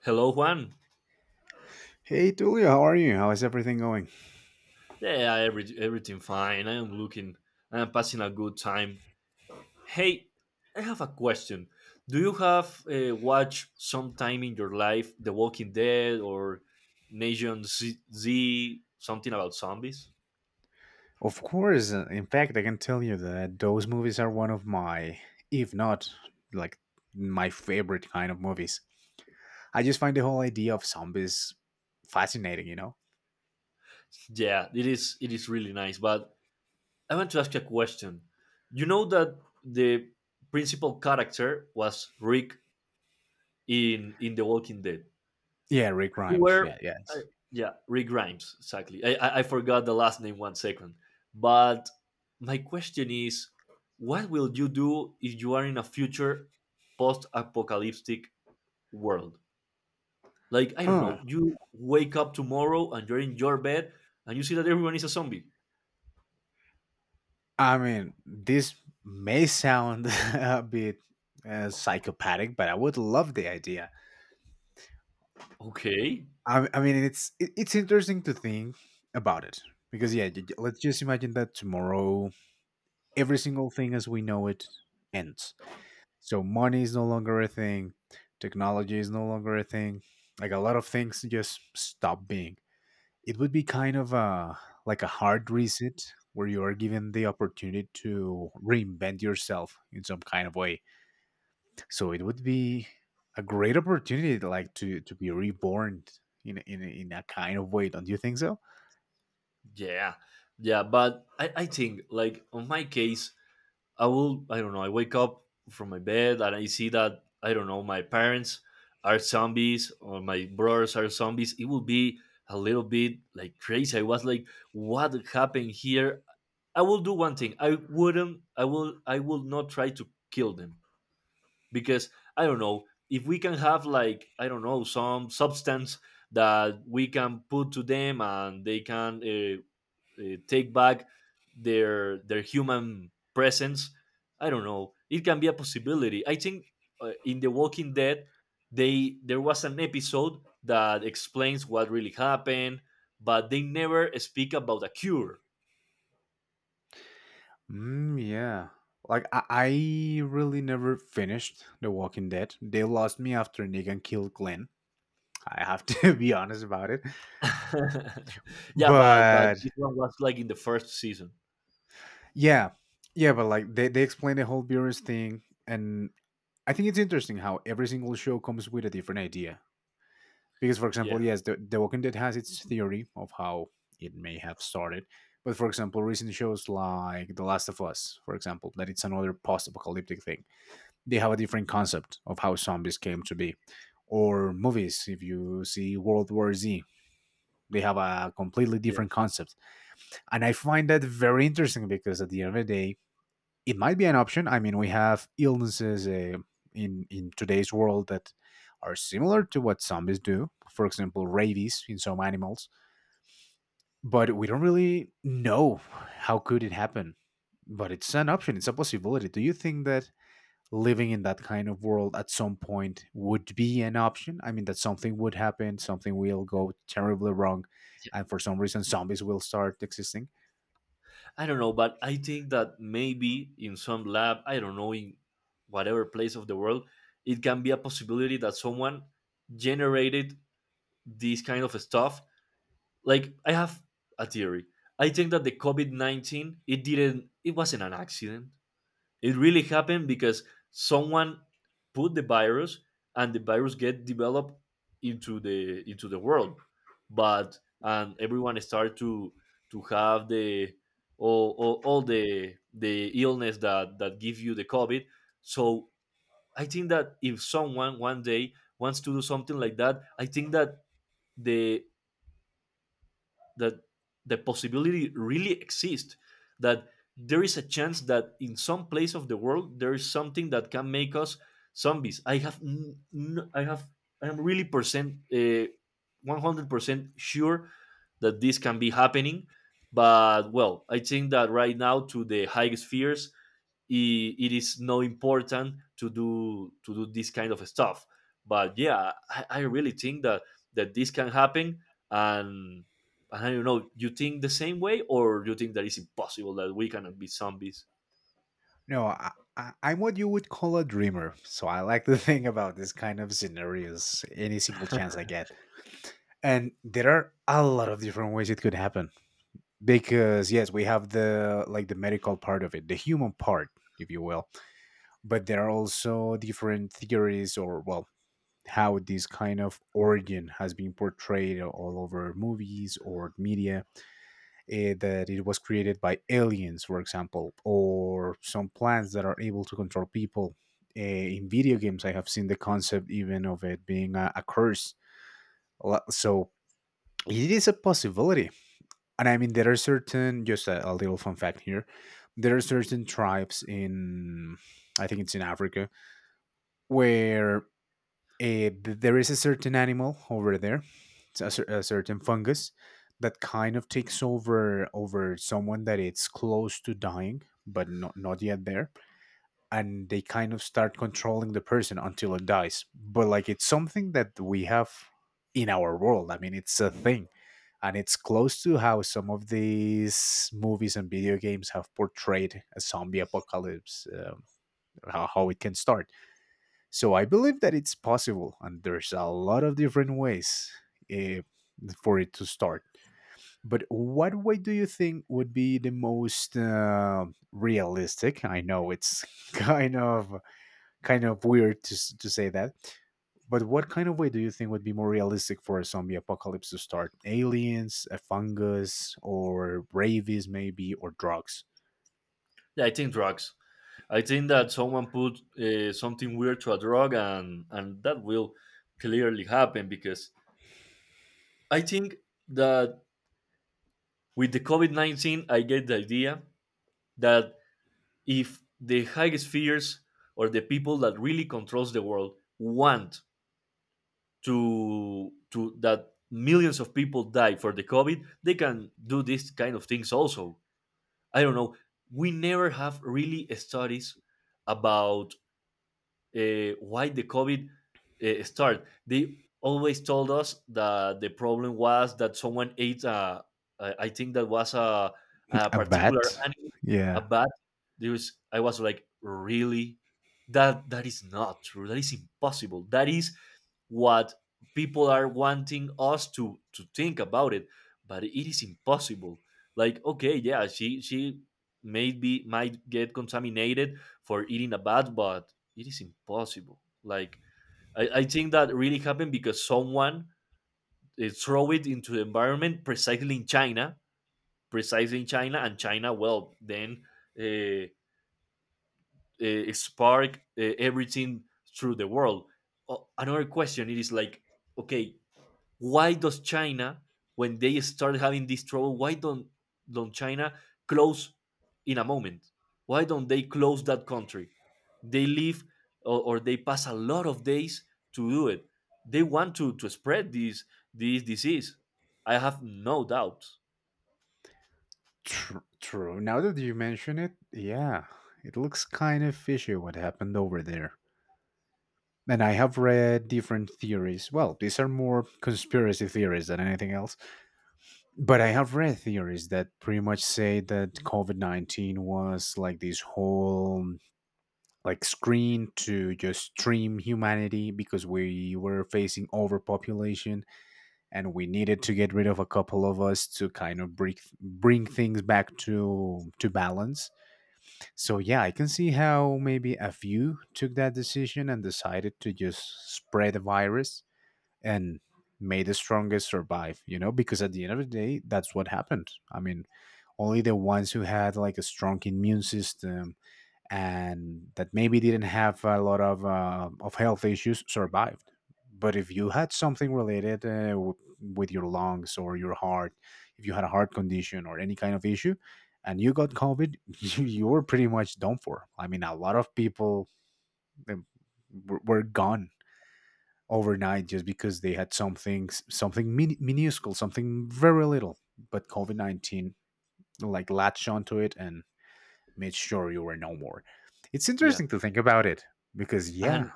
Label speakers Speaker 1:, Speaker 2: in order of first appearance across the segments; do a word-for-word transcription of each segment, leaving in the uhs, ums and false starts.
Speaker 1: Hello, Juan.
Speaker 2: Hey Tulio, how are you? How is everything going?
Speaker 1: Yeah, every, everything fine. I am looking. I am passing a good time. Hey, I have a question. Do you have uh, watched sometime in your life The Walking Dead or Nation Z, Z something about zombies?
Speaker 2: Of course, uh, in fact, I can tell you that those movies are one of my, if not like my favorite kind of movies. I just find the whole idea of zombies fascinating, you know?
Speaker 1: Yeah, it is. It is really nice. But I want to ask you a question. You know that the principal character was Rick in in The Walking Dead.
Speaker 2: Yeah, Rick
Speaker 1: You
Speaker 2: Grimes.
Speaker 1: were,
Speaker 2: Yeah,
Speaker 1: uh,
Speaker 2: yes.
Speaker 1: yeah, Rick Grimes, exactly. I, I, I forgot the last name one second. But my question is, what will you do if you are in a future post-apocalyptic world? Like, I don't
Speaker 2: Huh.
Speaker 1: know, you wake up tomorrow and you're in your bed and you see that everyone is a zombie.
Speaker 2: I mean, this may sound a bit uh, psychopathic, but I would love the idea.
Speaker 1: Okay,
Speaker 2: I, I mean, it's it, it's interesting to think about it because yeah, j- j- let's just imagine that tomorrow every single thing as we know it ends. So money is no longer a thing, technology is no longer a thing. Like a lot of things just stop being. It would be kind of a like a hard reset where you are given the opportunity to reinvent yourself in some kind of way. So it would be a great opportunity like to to be reborn in a- in a- in a kind of way, don't you think so?
Speaker 1: yeah, yeah. But I, I think, like, on my case, I will, I don't know, I wake up from my bed and I see that, I don't know, my parents are zombies or my brothers are zombies. It will be a little bit like crazy. I was like, what happened here? I will do one thing. I wouldn't, I will, I will not try to kill them because I don't know if we can have like, I don't know, some substance that we can put to them and they can uh, uh, take back their their human presence. I don't know. It can be a possibility. I think uh, in The Walking Dead, they there was an episode that explains what really happened, but they never speak about a cure.
Speaker 2: Mm, yeah. Like I, I really never finished The Walking Dead. They lost me after Negan killed Glenn. I have to be honest about it.
Speaker 1: Yeah, but but
Speaker 2: But
Speaker 1: this one was like in the first season.
Speaker 2: yeah. Yeah, but like they, they explain the whole Beerus thing, and I think it's interesting how every single show comes with a different idea. Because for
Speaker 1: Yeah,
Speaker 2: example, yes, The, the Walking Dead has its theory of how it may have started. But for example, recent shows like The Last of Us, for example, that it's another post apocalyptic thing, they have a different concept of how zombies came to be. Or movies, if you see World War Z, they have a completely
Speaker 1: yeah.
Speaker 2: different concept. And I find that very interesting because at the end of the day, it might be an option. I mean, we have illnesses uh, in in today's world that are similar to what zombies do. For example, rabies in some animals, but we don't really know how could it happen. But it's an option. It's a possibility. Do you think that living in that kind of world at some point would be an option? I mean, that something would happen, something will go terribly wrong, and for some reason, zombies will start existing.
Speaker 1: I don't know, but I think that maybe in some lab, I don't know, in whatever place of the world, it can be a possibility that someone generated this kind of stuff. Like, I have a theory. I think that the COVID nineteen, it didn't, it wasn't an accident. It really happened because someone put the virus and the virus get developed into the into the world. But and everyone start to to have the all, all, all the the illness that that give you the covid. So I think that if someone one day wants to do something like that, I think that the that the possibility really exists, that there is a chance that in some place of the world there is something that can make us zombies. i have n- n- I have, I am really percent uh, one hundred percent sure that this can be happening. But well, I think that right now to the highest fears, it it is not important to do to do this kind of stuff. But yeah, i, I really think that that this can happen. And and I don't know, you think the same way or you think that it's impossible that we cannot be zombies?
Speaker 2: No, I, I, I'm what you would call a dreamer, so I like to think about this kind of scenarios any single chance I get. And there are a lot of different ways it could happen. Because yes, we have the like the medical part of it, the human part, if you will, but there are also different theories or well, how this kind of origin has been portrayed all over movies or media, eh, that it was created by aliens for example, or some plants that are able to control people. Eh, in video games, I have seen the concept even of it being a, a curse. Lo- so it is a possibility. And I mean, there are certain, just a, a little fun fact here. There are certain tribes in, I think it's in Africa, where eh, th there is a certain animal over there. It's a, cer- a certain fungus that kind of takes over over someone that it's close to dying but not not yet there, and they kind of start controlling the person until it dies. But like it's something that we have in our world. I mean, it's a thing. And it's close to how some of these movies and video games have portrayed a zombie apocalypse, um, how, how it can start. So I believe that it's possible, and there's a lot of different ways eh, for it to start. But what way do you think would be the most uh, realistic? I know it's kind of kind of weird to to say that. But what kind of way do you think would be more realistic for a zombie apocalypse to start? Aliens, a fungus, or rabies, maybe, or drugs?
Speaker 1: Yeah, I think drugs. I think that someone put uh, something weird to a drug, and and that will clearly happen because I think that with the COVID nineteen, I get the idea that if the highest spheres or the people that really controls the world want to to that millions of people die for the covid, they can do this kind of things also. I don't know, we never have really studies about uh, why the COVID uh, started. They always told us that the problem was that someone ate a, I I think that was a, a
Speaker 2: A
Speaker 1: particular
Speaker 2: bat?
Speaker 1: animal, a
Speaker 2: Yeah,
Speaker 1: bat. There was, I was like, really? That that is not true. That is impossible. That is what people are wanting us to to think about it, but it is impossible. Like, okay, yeah, she she maybe might get contaminated for eating a bat, but it is impossible. Like I, I think that really happened because someone uh, throw it into the environment precisely in China, precisely in China, and China well then uh, uh, spark uh, everything through the world. O- another question it is like, okay, why does China, when they start having this trouble, why don't don't China close in a moment? Why don't they close that country? They leave or, or they pass a lot of days to do it. They want to to spread this this disease. I have no doubt.
Speaker 2: tr- true. Now that you mention it, yeah, it looks kind of fishy what happened over there. And I have read different theories. Well, these are more conspiracy theories than anything else. But I have read theories that pretty much say that COVID nineteen was like this whole like screen to just stream humanity because we were facing overpopulation, and we needed to get rid of a couple of us to kind of bring bring things back to to balance. So yeah, I can see how maybe a few took that decision and decided to just spread the virus, and may the strongest survive, you know, because at the end of the day, that's what happened. I mean, only the ones who had like a strong immune system and that maybe didn't have a lot of uh, of health issues survived. But if you had something related uh, w- with your lungs or your heart, if you had a heart condition or any kind of issue and you got covid, you were pretty much done for. I mean, a lot of people um, were, were gone overnight just because they had something something min- minuscule, something very little. But COVID nineteen like latched onto it and made sure you were no more. It's
Speaker 1: Yeah,
Speaker 2: interesting to think about it because yeah,
Speaker 1: and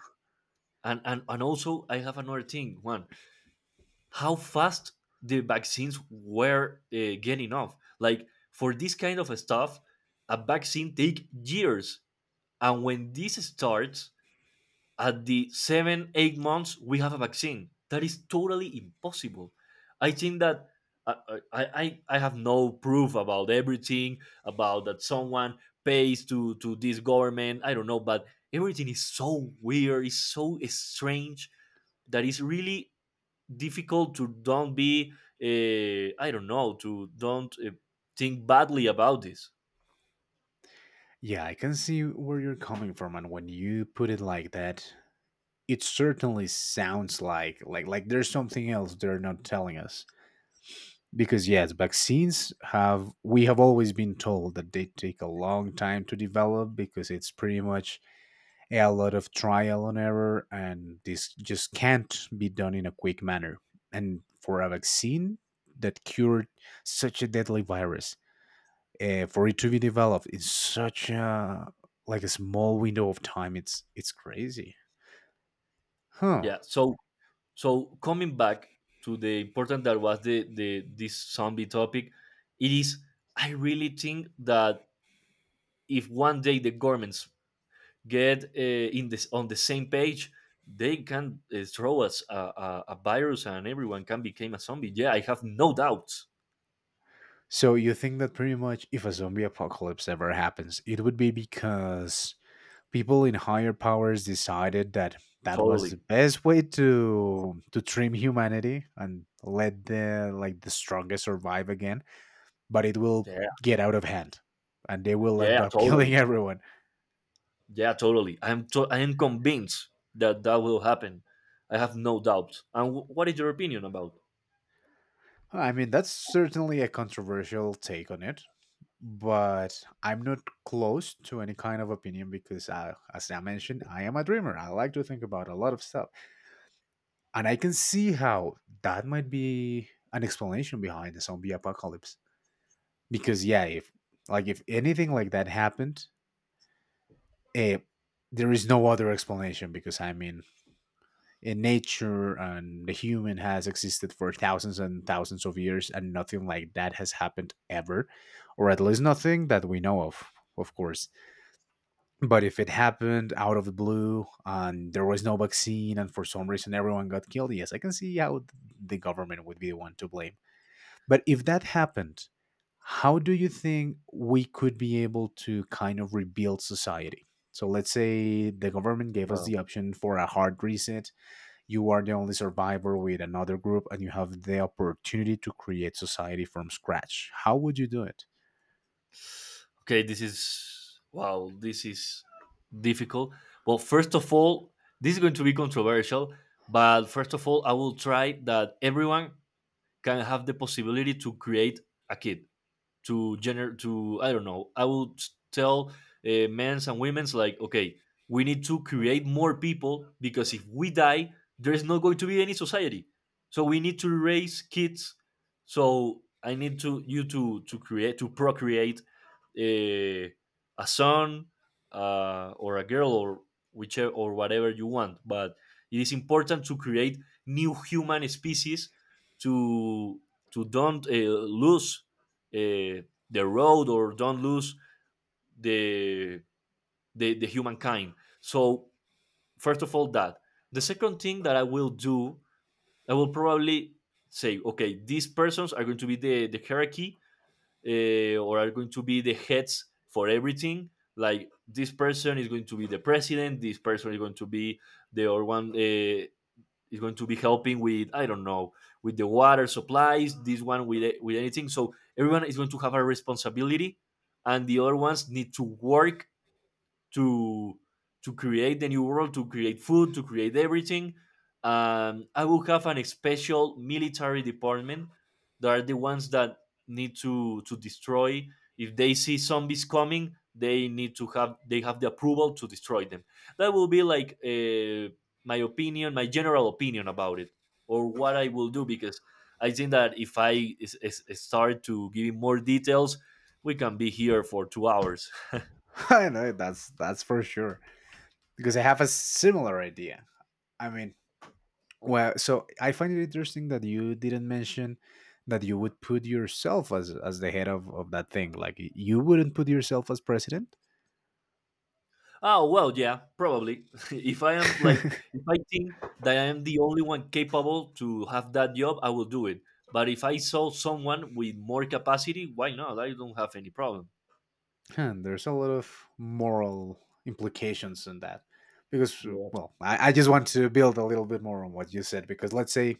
Speaker 1: and and and also I have another thing. One, how fast the vaccines were uh, getting off. Like for this kind of stuff, a vaccine take years. And when this starts, at the seven, eight months, we have a vaccine. That is totally impossible. I think that uh, uh, I, I, I- have no proof about everything, about that someone pays to, to this government. I don't know, but everything is so weird, is so strange that it's really difficult to don't be, uh, I don't know, to don't uh, think badly about this.
Speaker 2: yeah, I can see where you're coming from, and when you put it like that, it certainly sounds like like like there's something else they're not telling us. Because yes, vaccines have, we have always been told that they take a long time to develop because it's pretty much a lot of trial and error, and this just can't be done in a quick manner. And for a vaccine that cured such a deadly virus, uh, for it to be developed in such a like a small window of time, it's it's crazy, huh?
Speaker 1: Yeah. So so coming back to the important that was the the this zombie topic, it is I really think that if one day the governments get uh, in this on the same page, they can uh, throw us a, a, a virus and everyone can become a zombie. Yeah, I have no doubts.
Speaker 2: So you think that pretty much if a zombie apocalypse ever happens, it would be because people in higher powers decided that that was the
Speaker 1: Totally.
Speaker 2: best way to to trim humanity and let the like the strongest survive again, but it will
Speaker 1: Yeah.
Speaker 2: get out of hand and they will end
Speaker 1: Yeah,
Speaker 2: up killing
Speaker 1: totally.
Speaker 2: everyone.
Speaker 1: Yeah, totally. i'm to- I am convinced that that will happen. I have no doubt. And wh- what is your opinion about.
Speaker 2: I mean, that's certainly a controversial take on it, but I'm not close to any kind of opinion because I, as I mentioned, I am a dreamer. I like to think about a lot of stuff, and I can see how that might be an explanation behind the zombie apocalypse. Because yeah, if like if anything like that happened, eh, there is no other explanation because I mean, in nature and the human has existed for thousands and thousands of years, and nothing like that has happened ever, or at least nothing that we know of of course. But if it happened out of the blue and there was no vaccine and for some reason everyone got killed, yes, I can see how the government would be the one to blame. But if that happened, how do you think we could be able to kind of rebuild society? So let's say the government gave us
Speaker 1: Well.
Speaker 2: the option for a hard reset. You are the only survivor with another group, and you have the opportunity to create society from scratch. How would you do it?
Speaker 1: Okay, this is wow, this is difficult. Well, first of all, this is going to be controversial, but first of all, I will try that everyone can have the possibility to create a kid, to gender to I don't know, I would tell uh, men's and women's like, okay, we need to create more people because if we die, there's not going to be any society. So we need to raise kids. So I need to you to to create to procreate a, a son uh, or a girl or whichever or whatever you want, but it is important to create new human species to to don't uh, lose uh, the road or don't lose the, the the humankind. So first of all, that, the second thing that I will do, I will probably say, okay, these persons are going to be the the hierarchy, uh, or are going to be the heads for everything. Like this person is going to be the president. This person is going to be the or one uh, is going to be helping with, I don't know, with the water supplies. This one with with anything. So everyone is going to have a responsibility, and the other ones need to work to to create the new world, to create food, to create everything. Um, I will have an special military department that are the ones that need to to destroy. If they see zombies coming, they need to have, they have the approval to destroy them. That will be like uh, my opinion, my general opinion about it, or what I will do because I think that if I is, is, is start to give more details, we can be here for two hours.
Speaker 2: I know that's that's for sure because I have a similar idea. I mean, well, so I find it interesting that you didn't mention that you would put yourself as as the head of, of that thing. Like y- you wouldn't put yourself as president.
Speaker 1: Oh well, yeah, probably. If I am like, if I think that I am the only one capable to have that job, I will do it. But if I saw someone with more capacity, why not? I don't have any problem.
Speaker 2: And there's a lot of moral implications in that. Because uh,
Speaker 1: Yeah.
Speaker 2: well, I, I just want to build a little bit more on what you said. Because let's say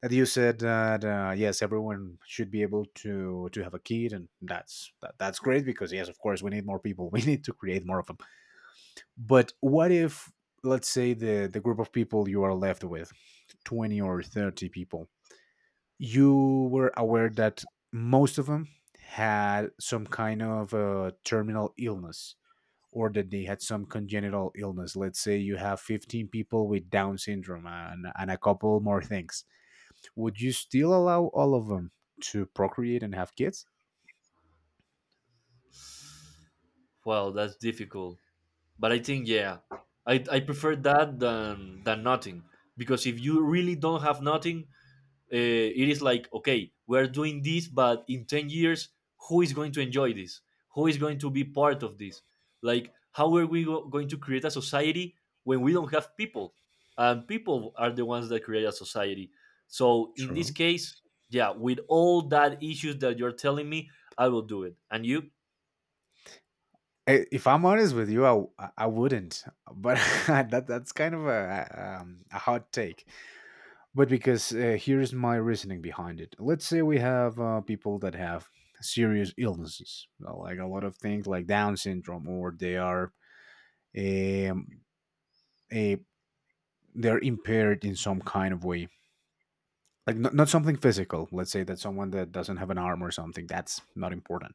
Speaker 2: that you said that uh, yes, everyone should be able to to have a kid, and that's that, that's great. Because yes, of course, we need more people. We need to create more of a But what if, let's say, the, the group of people you are left with, twenty or thirty people, you were aware that most of them had some kind of uh, terminal illness, or that they had some congenital illness. Let's say you have fifteen people with Down syndrome and, and a couple more things. Would you still allow all of them to procreate and have kids?
Speaker 1: Well, that's difficult. But I think yeah, I I prefer that than than nothing because if you really don't have nothing, uh, it is like, okay, we're doing this, but in ten years, who is going to enjoy this, who is going to be part of this, like how are we go- going to create a society when we don't have people, and people are the ones that create a society. So in this
Speaker 2: True.
Speaker 1: case, yeah, with all that issues that you're telling me, I will do it. And you?
Speaker 2: I- If I'm honest with you, I w- I, I wouldn't. But that that's kind of a um, a hot take. But because uh, here's my reasoning behind it. Let's say we have uh, people that have serious illnesses, uh, like a lot of things like Down syndrome, or they are um, a they're impaired in some kind of way. Like not, not something physical. Let's say that someone that doesn't have an arm or something. That's not important.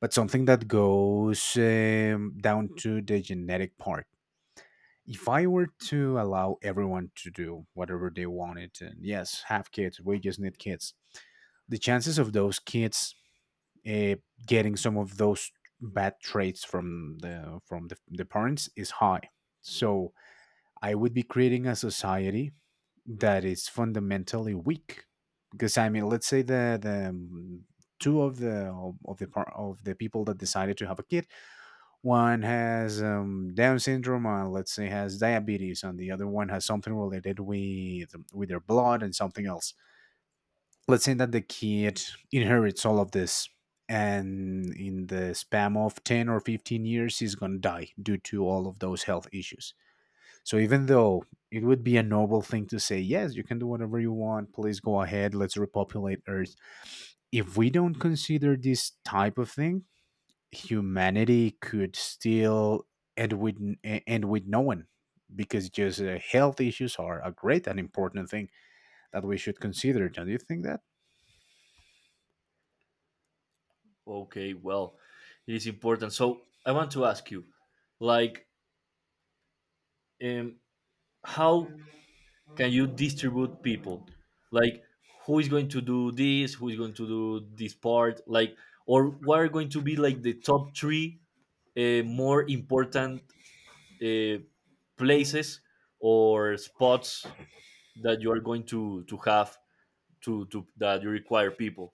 Speaker 2: But something that goes um, down to the genetic part. If I were to allow everyone to do whatever they wanted, and yes, have kids, we just need kids, the chances of those kids uh, getting some of those bad traits from the from the, the parents is high. So I would be creating a society that is fundamentally weak, because I mean, let's say the the um, two of the of the par- of the people that decided to have a kid, one has um, Down syndrome, and let's say has diabetes, and the other one has something related with um, with their blood and something else. Let's say that the kid inherits all of this, and in the span of ten or fifteen years, he's gonna die due to all of those health issues. So even though it would be a noble thing to say, yes, you can do whatever you want, please go ahead, let's repopulate Earth. If we don't consider this type of thing, humanity could still end with e- end with no one, because just uh, health issues are a great and important thing that we should consider. Don't you think that?
Speaker 1: Okay, well, it is important. So I want to ask you, like, um, how can you distribute people, like, who is going to do this, who is going to do this part, like, or what are going to be like the top three uh, more important uh, places or spots that you are going to to have to to that you require people.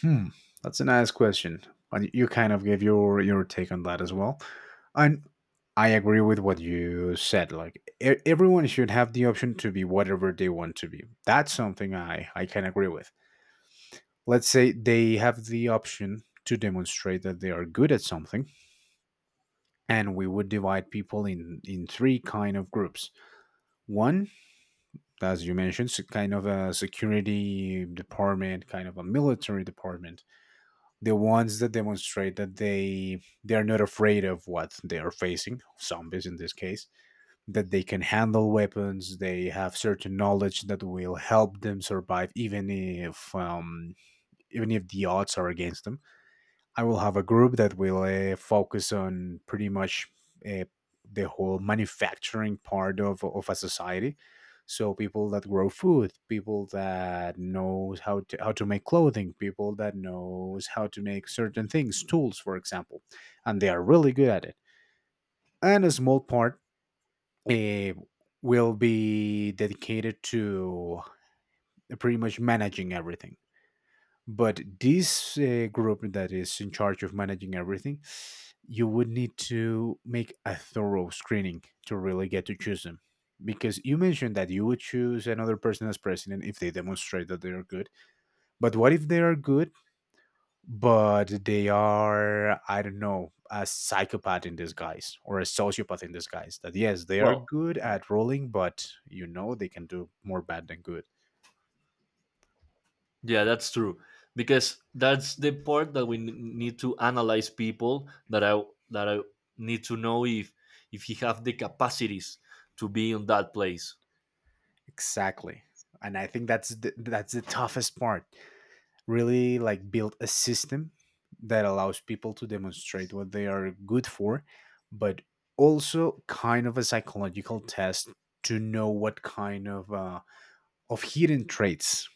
Speaker 2: Hmm, that's a nice question. And you kind of gave your your take on that as well. And I agree with what you said. Like e- everyone should have the option to be whatever they want to be. That's something I I can agree with. Let's say they have the option to demonstrate that they are good at something, and we would divide people in in three kind of groups. One, as you mentioned, so kind of a security department, kind of a military department, the ones that demonstrate that they they are not afraid of what they are facing, zombies in this case, that they can handle weapons, they have certain knowledge that will help them survive, even if um, even if the odds are against them. I will have a group that will uh, focus on pretty much uh, the whole manufacturing part of, of a society. So people that grow food, people that knows how to how to make clothing, people that knows how to make certain things, tools, for example, and they are really good at it. And a small part uh, will be dedicated to pretty much managing everything. But this uh, group that is in charge of managing everything, you would need to make a thorough screening to really get to choose them, because you mentioned that you would choose another person as president if they demonstrate that they are good. But what if they are good, but they are, I don't know, a psychopath in disguise or a sociopath in disguise, that yes, they are
Speaker 1: Well.
Speaker 2: good at rolling, but you know, they can do more bad than good.
Speaker 1: Yeah, that's true. Because that's the part that we n- need to analyze people that I that I need to know if if he have the capacities to be in that place.
Speaker 2: Exactly, and I think that's the, that's the toughest part. Really, like build a system that allows people to demonstrate what they are good for, but also kind of a psychological test to know what kind of uh, of hidden traits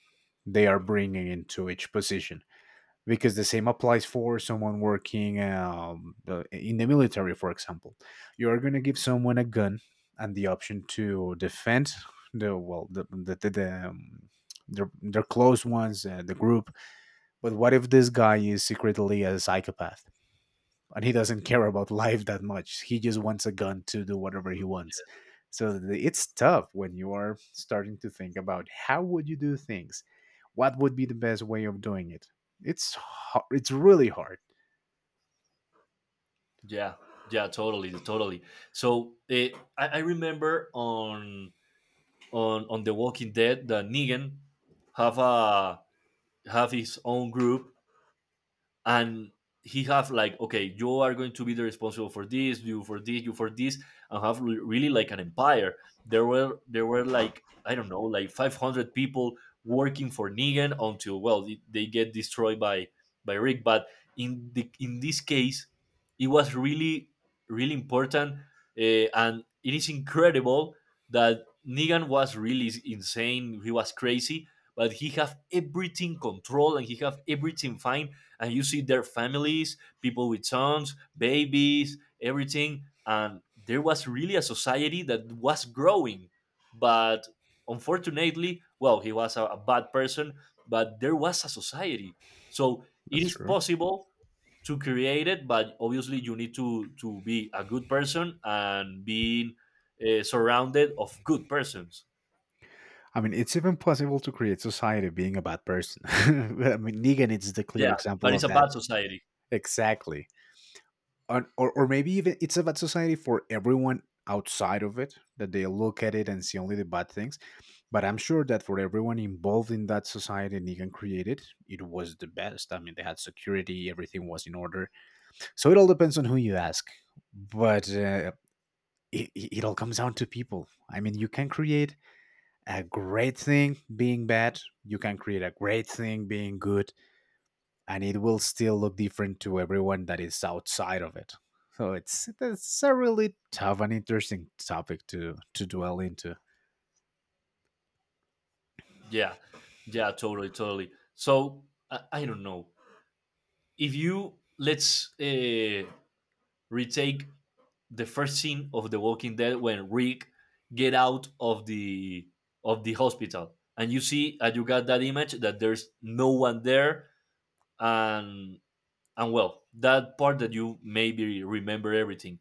Speaker 2: they are bringing into each position. Because the same applies for someone working um, the- in the military, for example. You are going to give someone a gun and the option to defend the well the the, the, the um, their, their close ones, uh, the group. But what if this guy is secretly a psychopath, and he doesn't care about life that much? He just wants a gun to do whatever he wants. So it's tough when you are starting to think about, how would you do things? What would be the best way of doing it? It's hard. It's really hard.
Speaker 1: Yeah, yeah, totally, totally. So eh, I, I remember on on on The Walking Dead that Negan have a have his own group and he have like, okay, you are going to be the responsible for this, you for this, you for this, and have re- really like an empire. There were there were like, I don't know, like five hundred people working for Negan until, well, they they get destroyed by by Rick. But in the in this case, it was really really important. Uh, and it is incredible that Negan was really insane, he was crazy, but he have everything controlled and he have everything fine. And you see their families, people with sons, babies, everything. And there was really a society that was growing. But unfortunately, well, he was a, a bad person, but there was a society. So it
Speaker 2: That's
Speaker 1: is
Speaker 2: true.
Speaker 1: possible to create it, but obviously you need to, to be a good person and being uh, surrounded of good persons.
Speaker 2: I mean, it's even possible to create society being a bad person. I mean, Negan is the clear
Speaker 1: Yeah, but
Speaker 2: example
Speaker 1: it's
Speaker 2: of
Speaker 1: a
Speaker 2: that.
Speaker 1: bad society.
Speaker 2: Exactly. or, or or maybe even it's a bad society for everyone outside of it, that they look at it and see only the bad things. But I'm sure that for everyone involved in that society Negan created, it was the best. I mean, they had security, everything was in order. So it all depends on who you ask. But uh, it, it it all comes down to people. I mean, you can create a great thing being bad, you can create a great thing being good, and it will still look different to everyone that is outside of it. So it's it's a really tough and interesting topic to to dwell into.
Speaker 1: Yeah, yeah, totally, totally. So I, I don't know. If you, let's uh, retake the first scene of The Walking Dead when Rick get out of the of the hospital, and you see, and you got that image that there's no one there, and and well, that part that you maybe remember everything,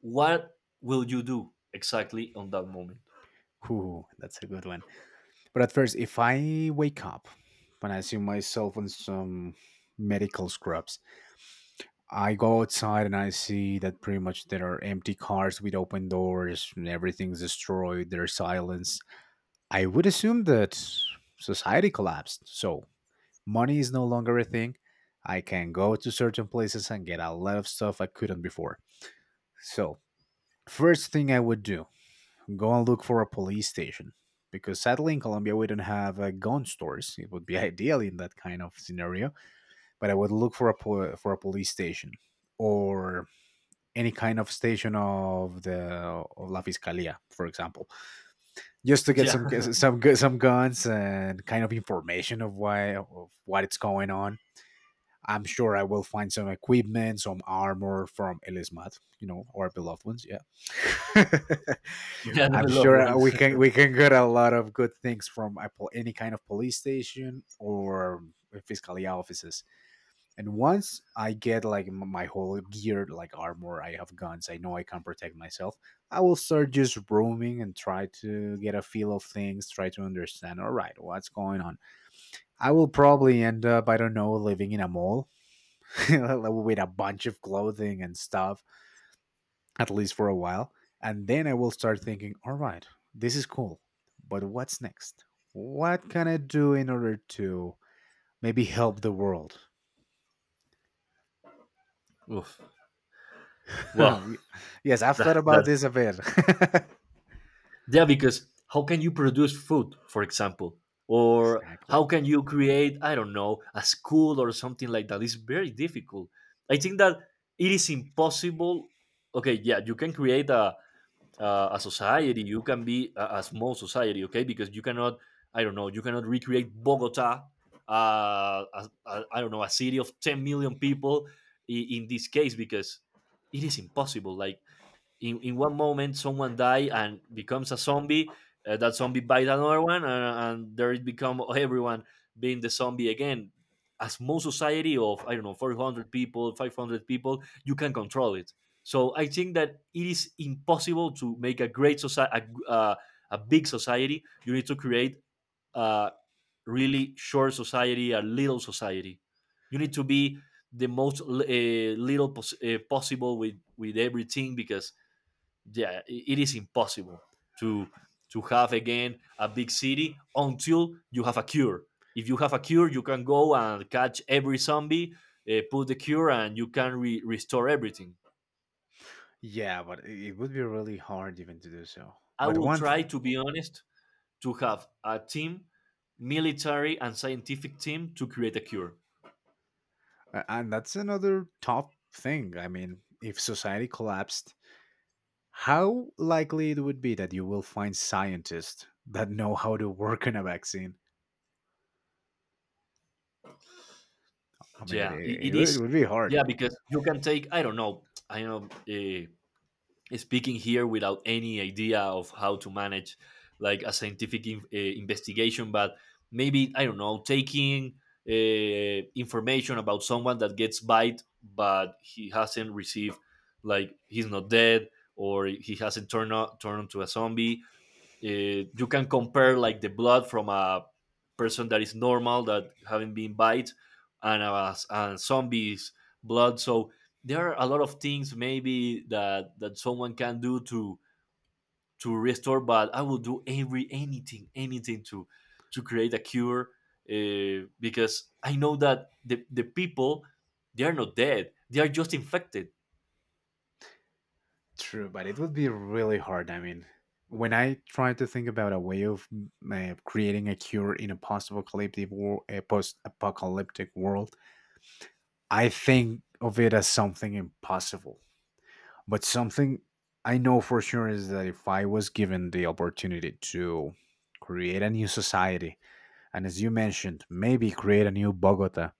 Speaker 1: what will you do exactly on that moment?
Speaker 2: Ooh, that's a good one. But at first, if I wake up and I see myself on some medical scrubs, I go outside and I see that pretty much there are empty cars with open doors and everything's destroyed. There's silence. I would assume that society collapsed. So money is no longer a thing. I can go to certain places and get a lot of stuff I couldn't before. So, first thing I would do, go and look for a police station. Because sadly, in Colombia, we don't have uh, gun stores. It would be ideal in that kind of scenario. But I would look for a, po- for a police station, or any kind of station of the of La Fiscalía, for example, just to get
Speaker 1: Yeah.
Speaker 2: some some gu- some guns and kind of information of why of what it's going on. I'm sure I will find some equipment, some armor from Elismat, you know, our beloved ones. Yeah,
Speaker 1: Yeah, the
Speaker 2: I'm
Speaker 1: loved
Speaker 2: sure we
Speaker 1: ones.
Speaker 2: can we can get a lot of good things from a pol- any kind of police station or fiscalia offices. And once I get like m- my whole gear, like armor, I have guns, I know I can protect myself. I will start just roaming and try to get a feel of things, try to understand, all right, what's going on. I will probably end up, I don't know, living in a mall with a bunch of clothing and stuff, at least for a while. And then I will start thinking, all right, this is cool, but what's next? What can I do in order to maybe help the world?
Speaker 1: Oof. Well,
Speaker 2: Ye- yes, I've thought
Speaker 1: that,
Speaker 2: about
Speaker 1: that
Speaker 2: this a bit.
Speaker 1: yeah, because how can you produce food, for example? Or
Speaker 2: Exactly.
Speaker 1: how can you create, I don't know, a school or something like that? It's very difficult. I think that it is impossible. Okay, yeah, you can create a, a, a society, you can be a, a small society, okay? Because you cannot, I don't know, you cannot recreate Bogota, uh, a, a, I don't know, a city of ten million people in, in this case, because it is impossible. Like, in, in one moment someone die and becomes a zombie. Uh, that zombie bite another one. Uh, and there it become everyone being the zombie again. A small society of, I don't know, four hundred people, five hundred people, you can control it. So I think that it is impossible to make a great society, a uh, a big society. You need to create a really short society, a little society. You need to be the most uh, little pos- uh, possible with with everything, because yeah, it is impossible to to have again a big city until you have a cure. If you have a cure, you can go and catch every zombie, uh, put the cure, and you can re- restore everything.
Speaker 2: Yeah, but i- it would be really hard even to do so.
Speaker 1: I
Speaker 2: But
Speaker 1: will
Speaker 2: one
Speaker 1: try
Speaker 2: thing,
Speaker 1: to be honest, to have a team, military and scientific team to create a cure.
Speaker 2: a- and that's another top thing. I mean, if society collapsed, how likely it would be that you will find scientists that know how to work on a vaccine? I mean, it,
Speaker 1: Yeah, I-
Speaker 2: it,
Speaker 1: it
Speaker 2: it would it
Speaker 1: is.
Speaker 2: would be hard.
Speaker 1: Yeah, because you can take, I don't know, I know, uh, speaking here without any idea of how to manage like a scientific in, uh, investigation, but maybe, I don't know, taking uh, information about someone that gets bite but he hasn't received, like, he's not dead or he hasn't turned o- turned into a zombie. Uh, you can compare like the blood from a person that is normal that haven't been bite and a and zombies blood. So there are a lot of things maybe that that someone can do to to restore. But I will do every, anything, anything to to create a cure, uh, because I know that the the people, they are not dead. They are just infected.
Speaker 2: True, but it would be really hard. I mean, when I try to think about a way of mm, uh, creating a cure in a post-apocalyptic, wor- a post-apocalyptic world, I think of it as something impossible. But something I know for sure is that if I was given the opportunity to create a new society, and as you mentioned, maybe create a new Bogota,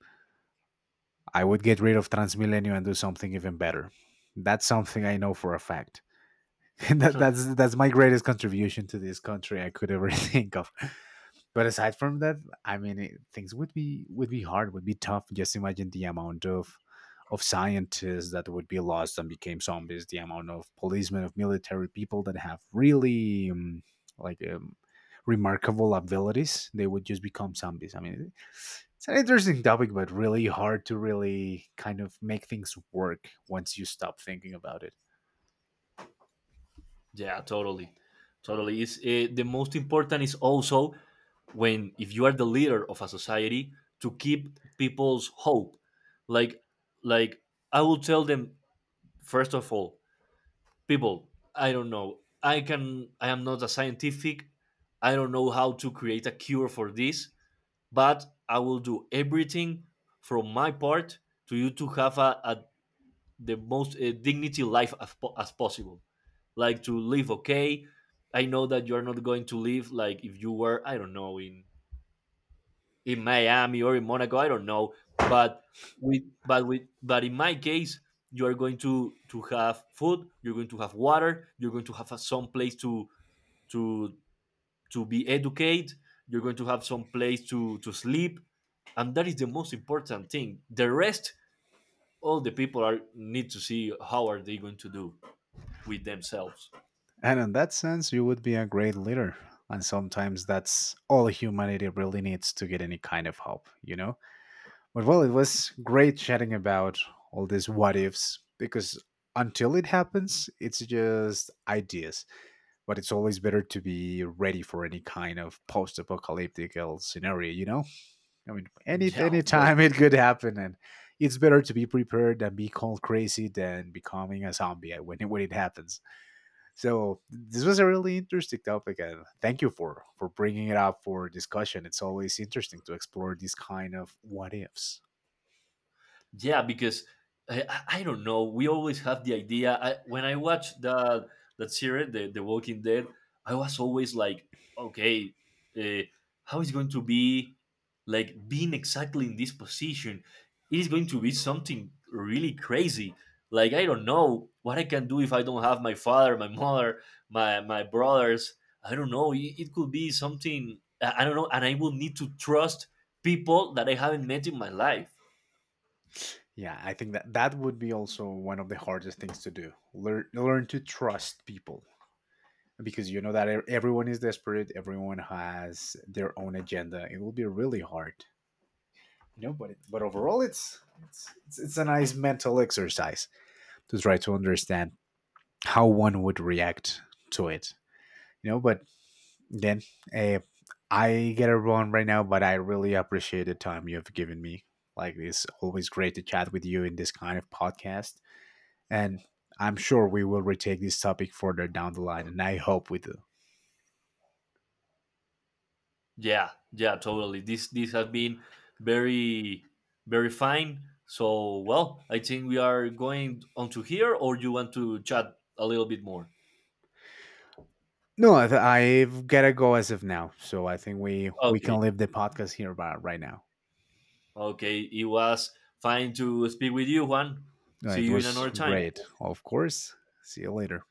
Speaker 2: I would get rid of Transmilenio and do something even better. That's something I know for a fact. that, that's that's my greatest contribution to this country I could ever think of. But aside from that, I mean, it, things would be would be hard, would be tough. Just imagine the amount of of scientists that would be lost and became zombies, the amount of policemen, of military people that have really um, like um, remarkable abilities, they would just become zombies. I mean, it's an interesting topic, but really hard to really kind of make things work once you stop thinking about it.
Speaker 1: Yeah, totally, totally. Is uh, the most important is also when, if you are the leader of a society, to keep people's hope. Like, like I will tell them, first of all, people, I don't know. I can. I am not a scientific. I don't know how to create a cure for this, but I will do everything from my part to you, to have a, a the most uh, dignity life as, po- as possible, like, to live, okay. I know that you're not going to live like if you were, I don't know, in in Miami or in Monaco, I don't know, but with but with but in my case, you are going to to have food, you're going to have water, you're going to have a, some place to to to be educated, you're going to have some place to to sleep, and that is the most important thing. The rest, all the people are need to see how are they going to do with themselves.
Speaker 2: And in that sense, you would be a great leader. And sometimes that's all humanity really needs to get any kind of help, you know? But well, it was great chatting about all these what ifs, because until it happens, it's just ideas. But it's always better to be ready for any kind of post apocalyptic scenario, you know? I mean, any
Speaker 1: Yeah, of
Speaker 2: any
Speaker 1: course.
Speaker 2: time it could happen. And it's better to be prepared than be called crazy than becoming a zombie when it, when it happens. So this was a really interesting topic, and thank you for for bringing it up for discussion. It's always interesting to explore these kind of what ifs.
Speaker 1: Yeah, because I, I I don't know. We always have the idea. I, when I watched that that series, the, the Walking Dead, I was always like, okay, uh, how is going to be like being exactly in this position? It is going to be something really crazy. Like, I don't know what I can do if I don't have my father, my mother, my my brothers. I don't know. It, it could be something, I I don't know, and I will need to trust people that I haven't met in my life.
Speaker 2: Yeah, I think that that would be also one of the hardest things to do. Learn learn to trust people, because you know that e- everyone is desperate, everyone has their own agenda. It will be really hard. No, but it, but overall, it's, it's it's it's a nice mental exercise to try to understand how one would react to it. You know, but then, eh, I get it wrong right now, but I really appreciate the time you have given me. Like, it's always great to chat with you in this kind of podcast. And I'm sure we will retake this topic further down the line, and I hope we do.
Speaker 1: Yeah, yeah, totally. This this has been very very fine. So well, I think we are going on to here, or you want to chat a little bit more?
Speaker 2: No, I th- I've got to go as of now. So I think we, we
Speaker 1: Okay,
Speaker 2: can leave the podcast here by, right now.
Speaker 1: okay. It was fine to speak with you, Juan.
Speaker 2: Uh,
Speaker 1: See
Speaker 2: It
Speaker 1: you in
Speaker 2: was
Speaker 1: another time.
Speaker 2: great, of course. See you later.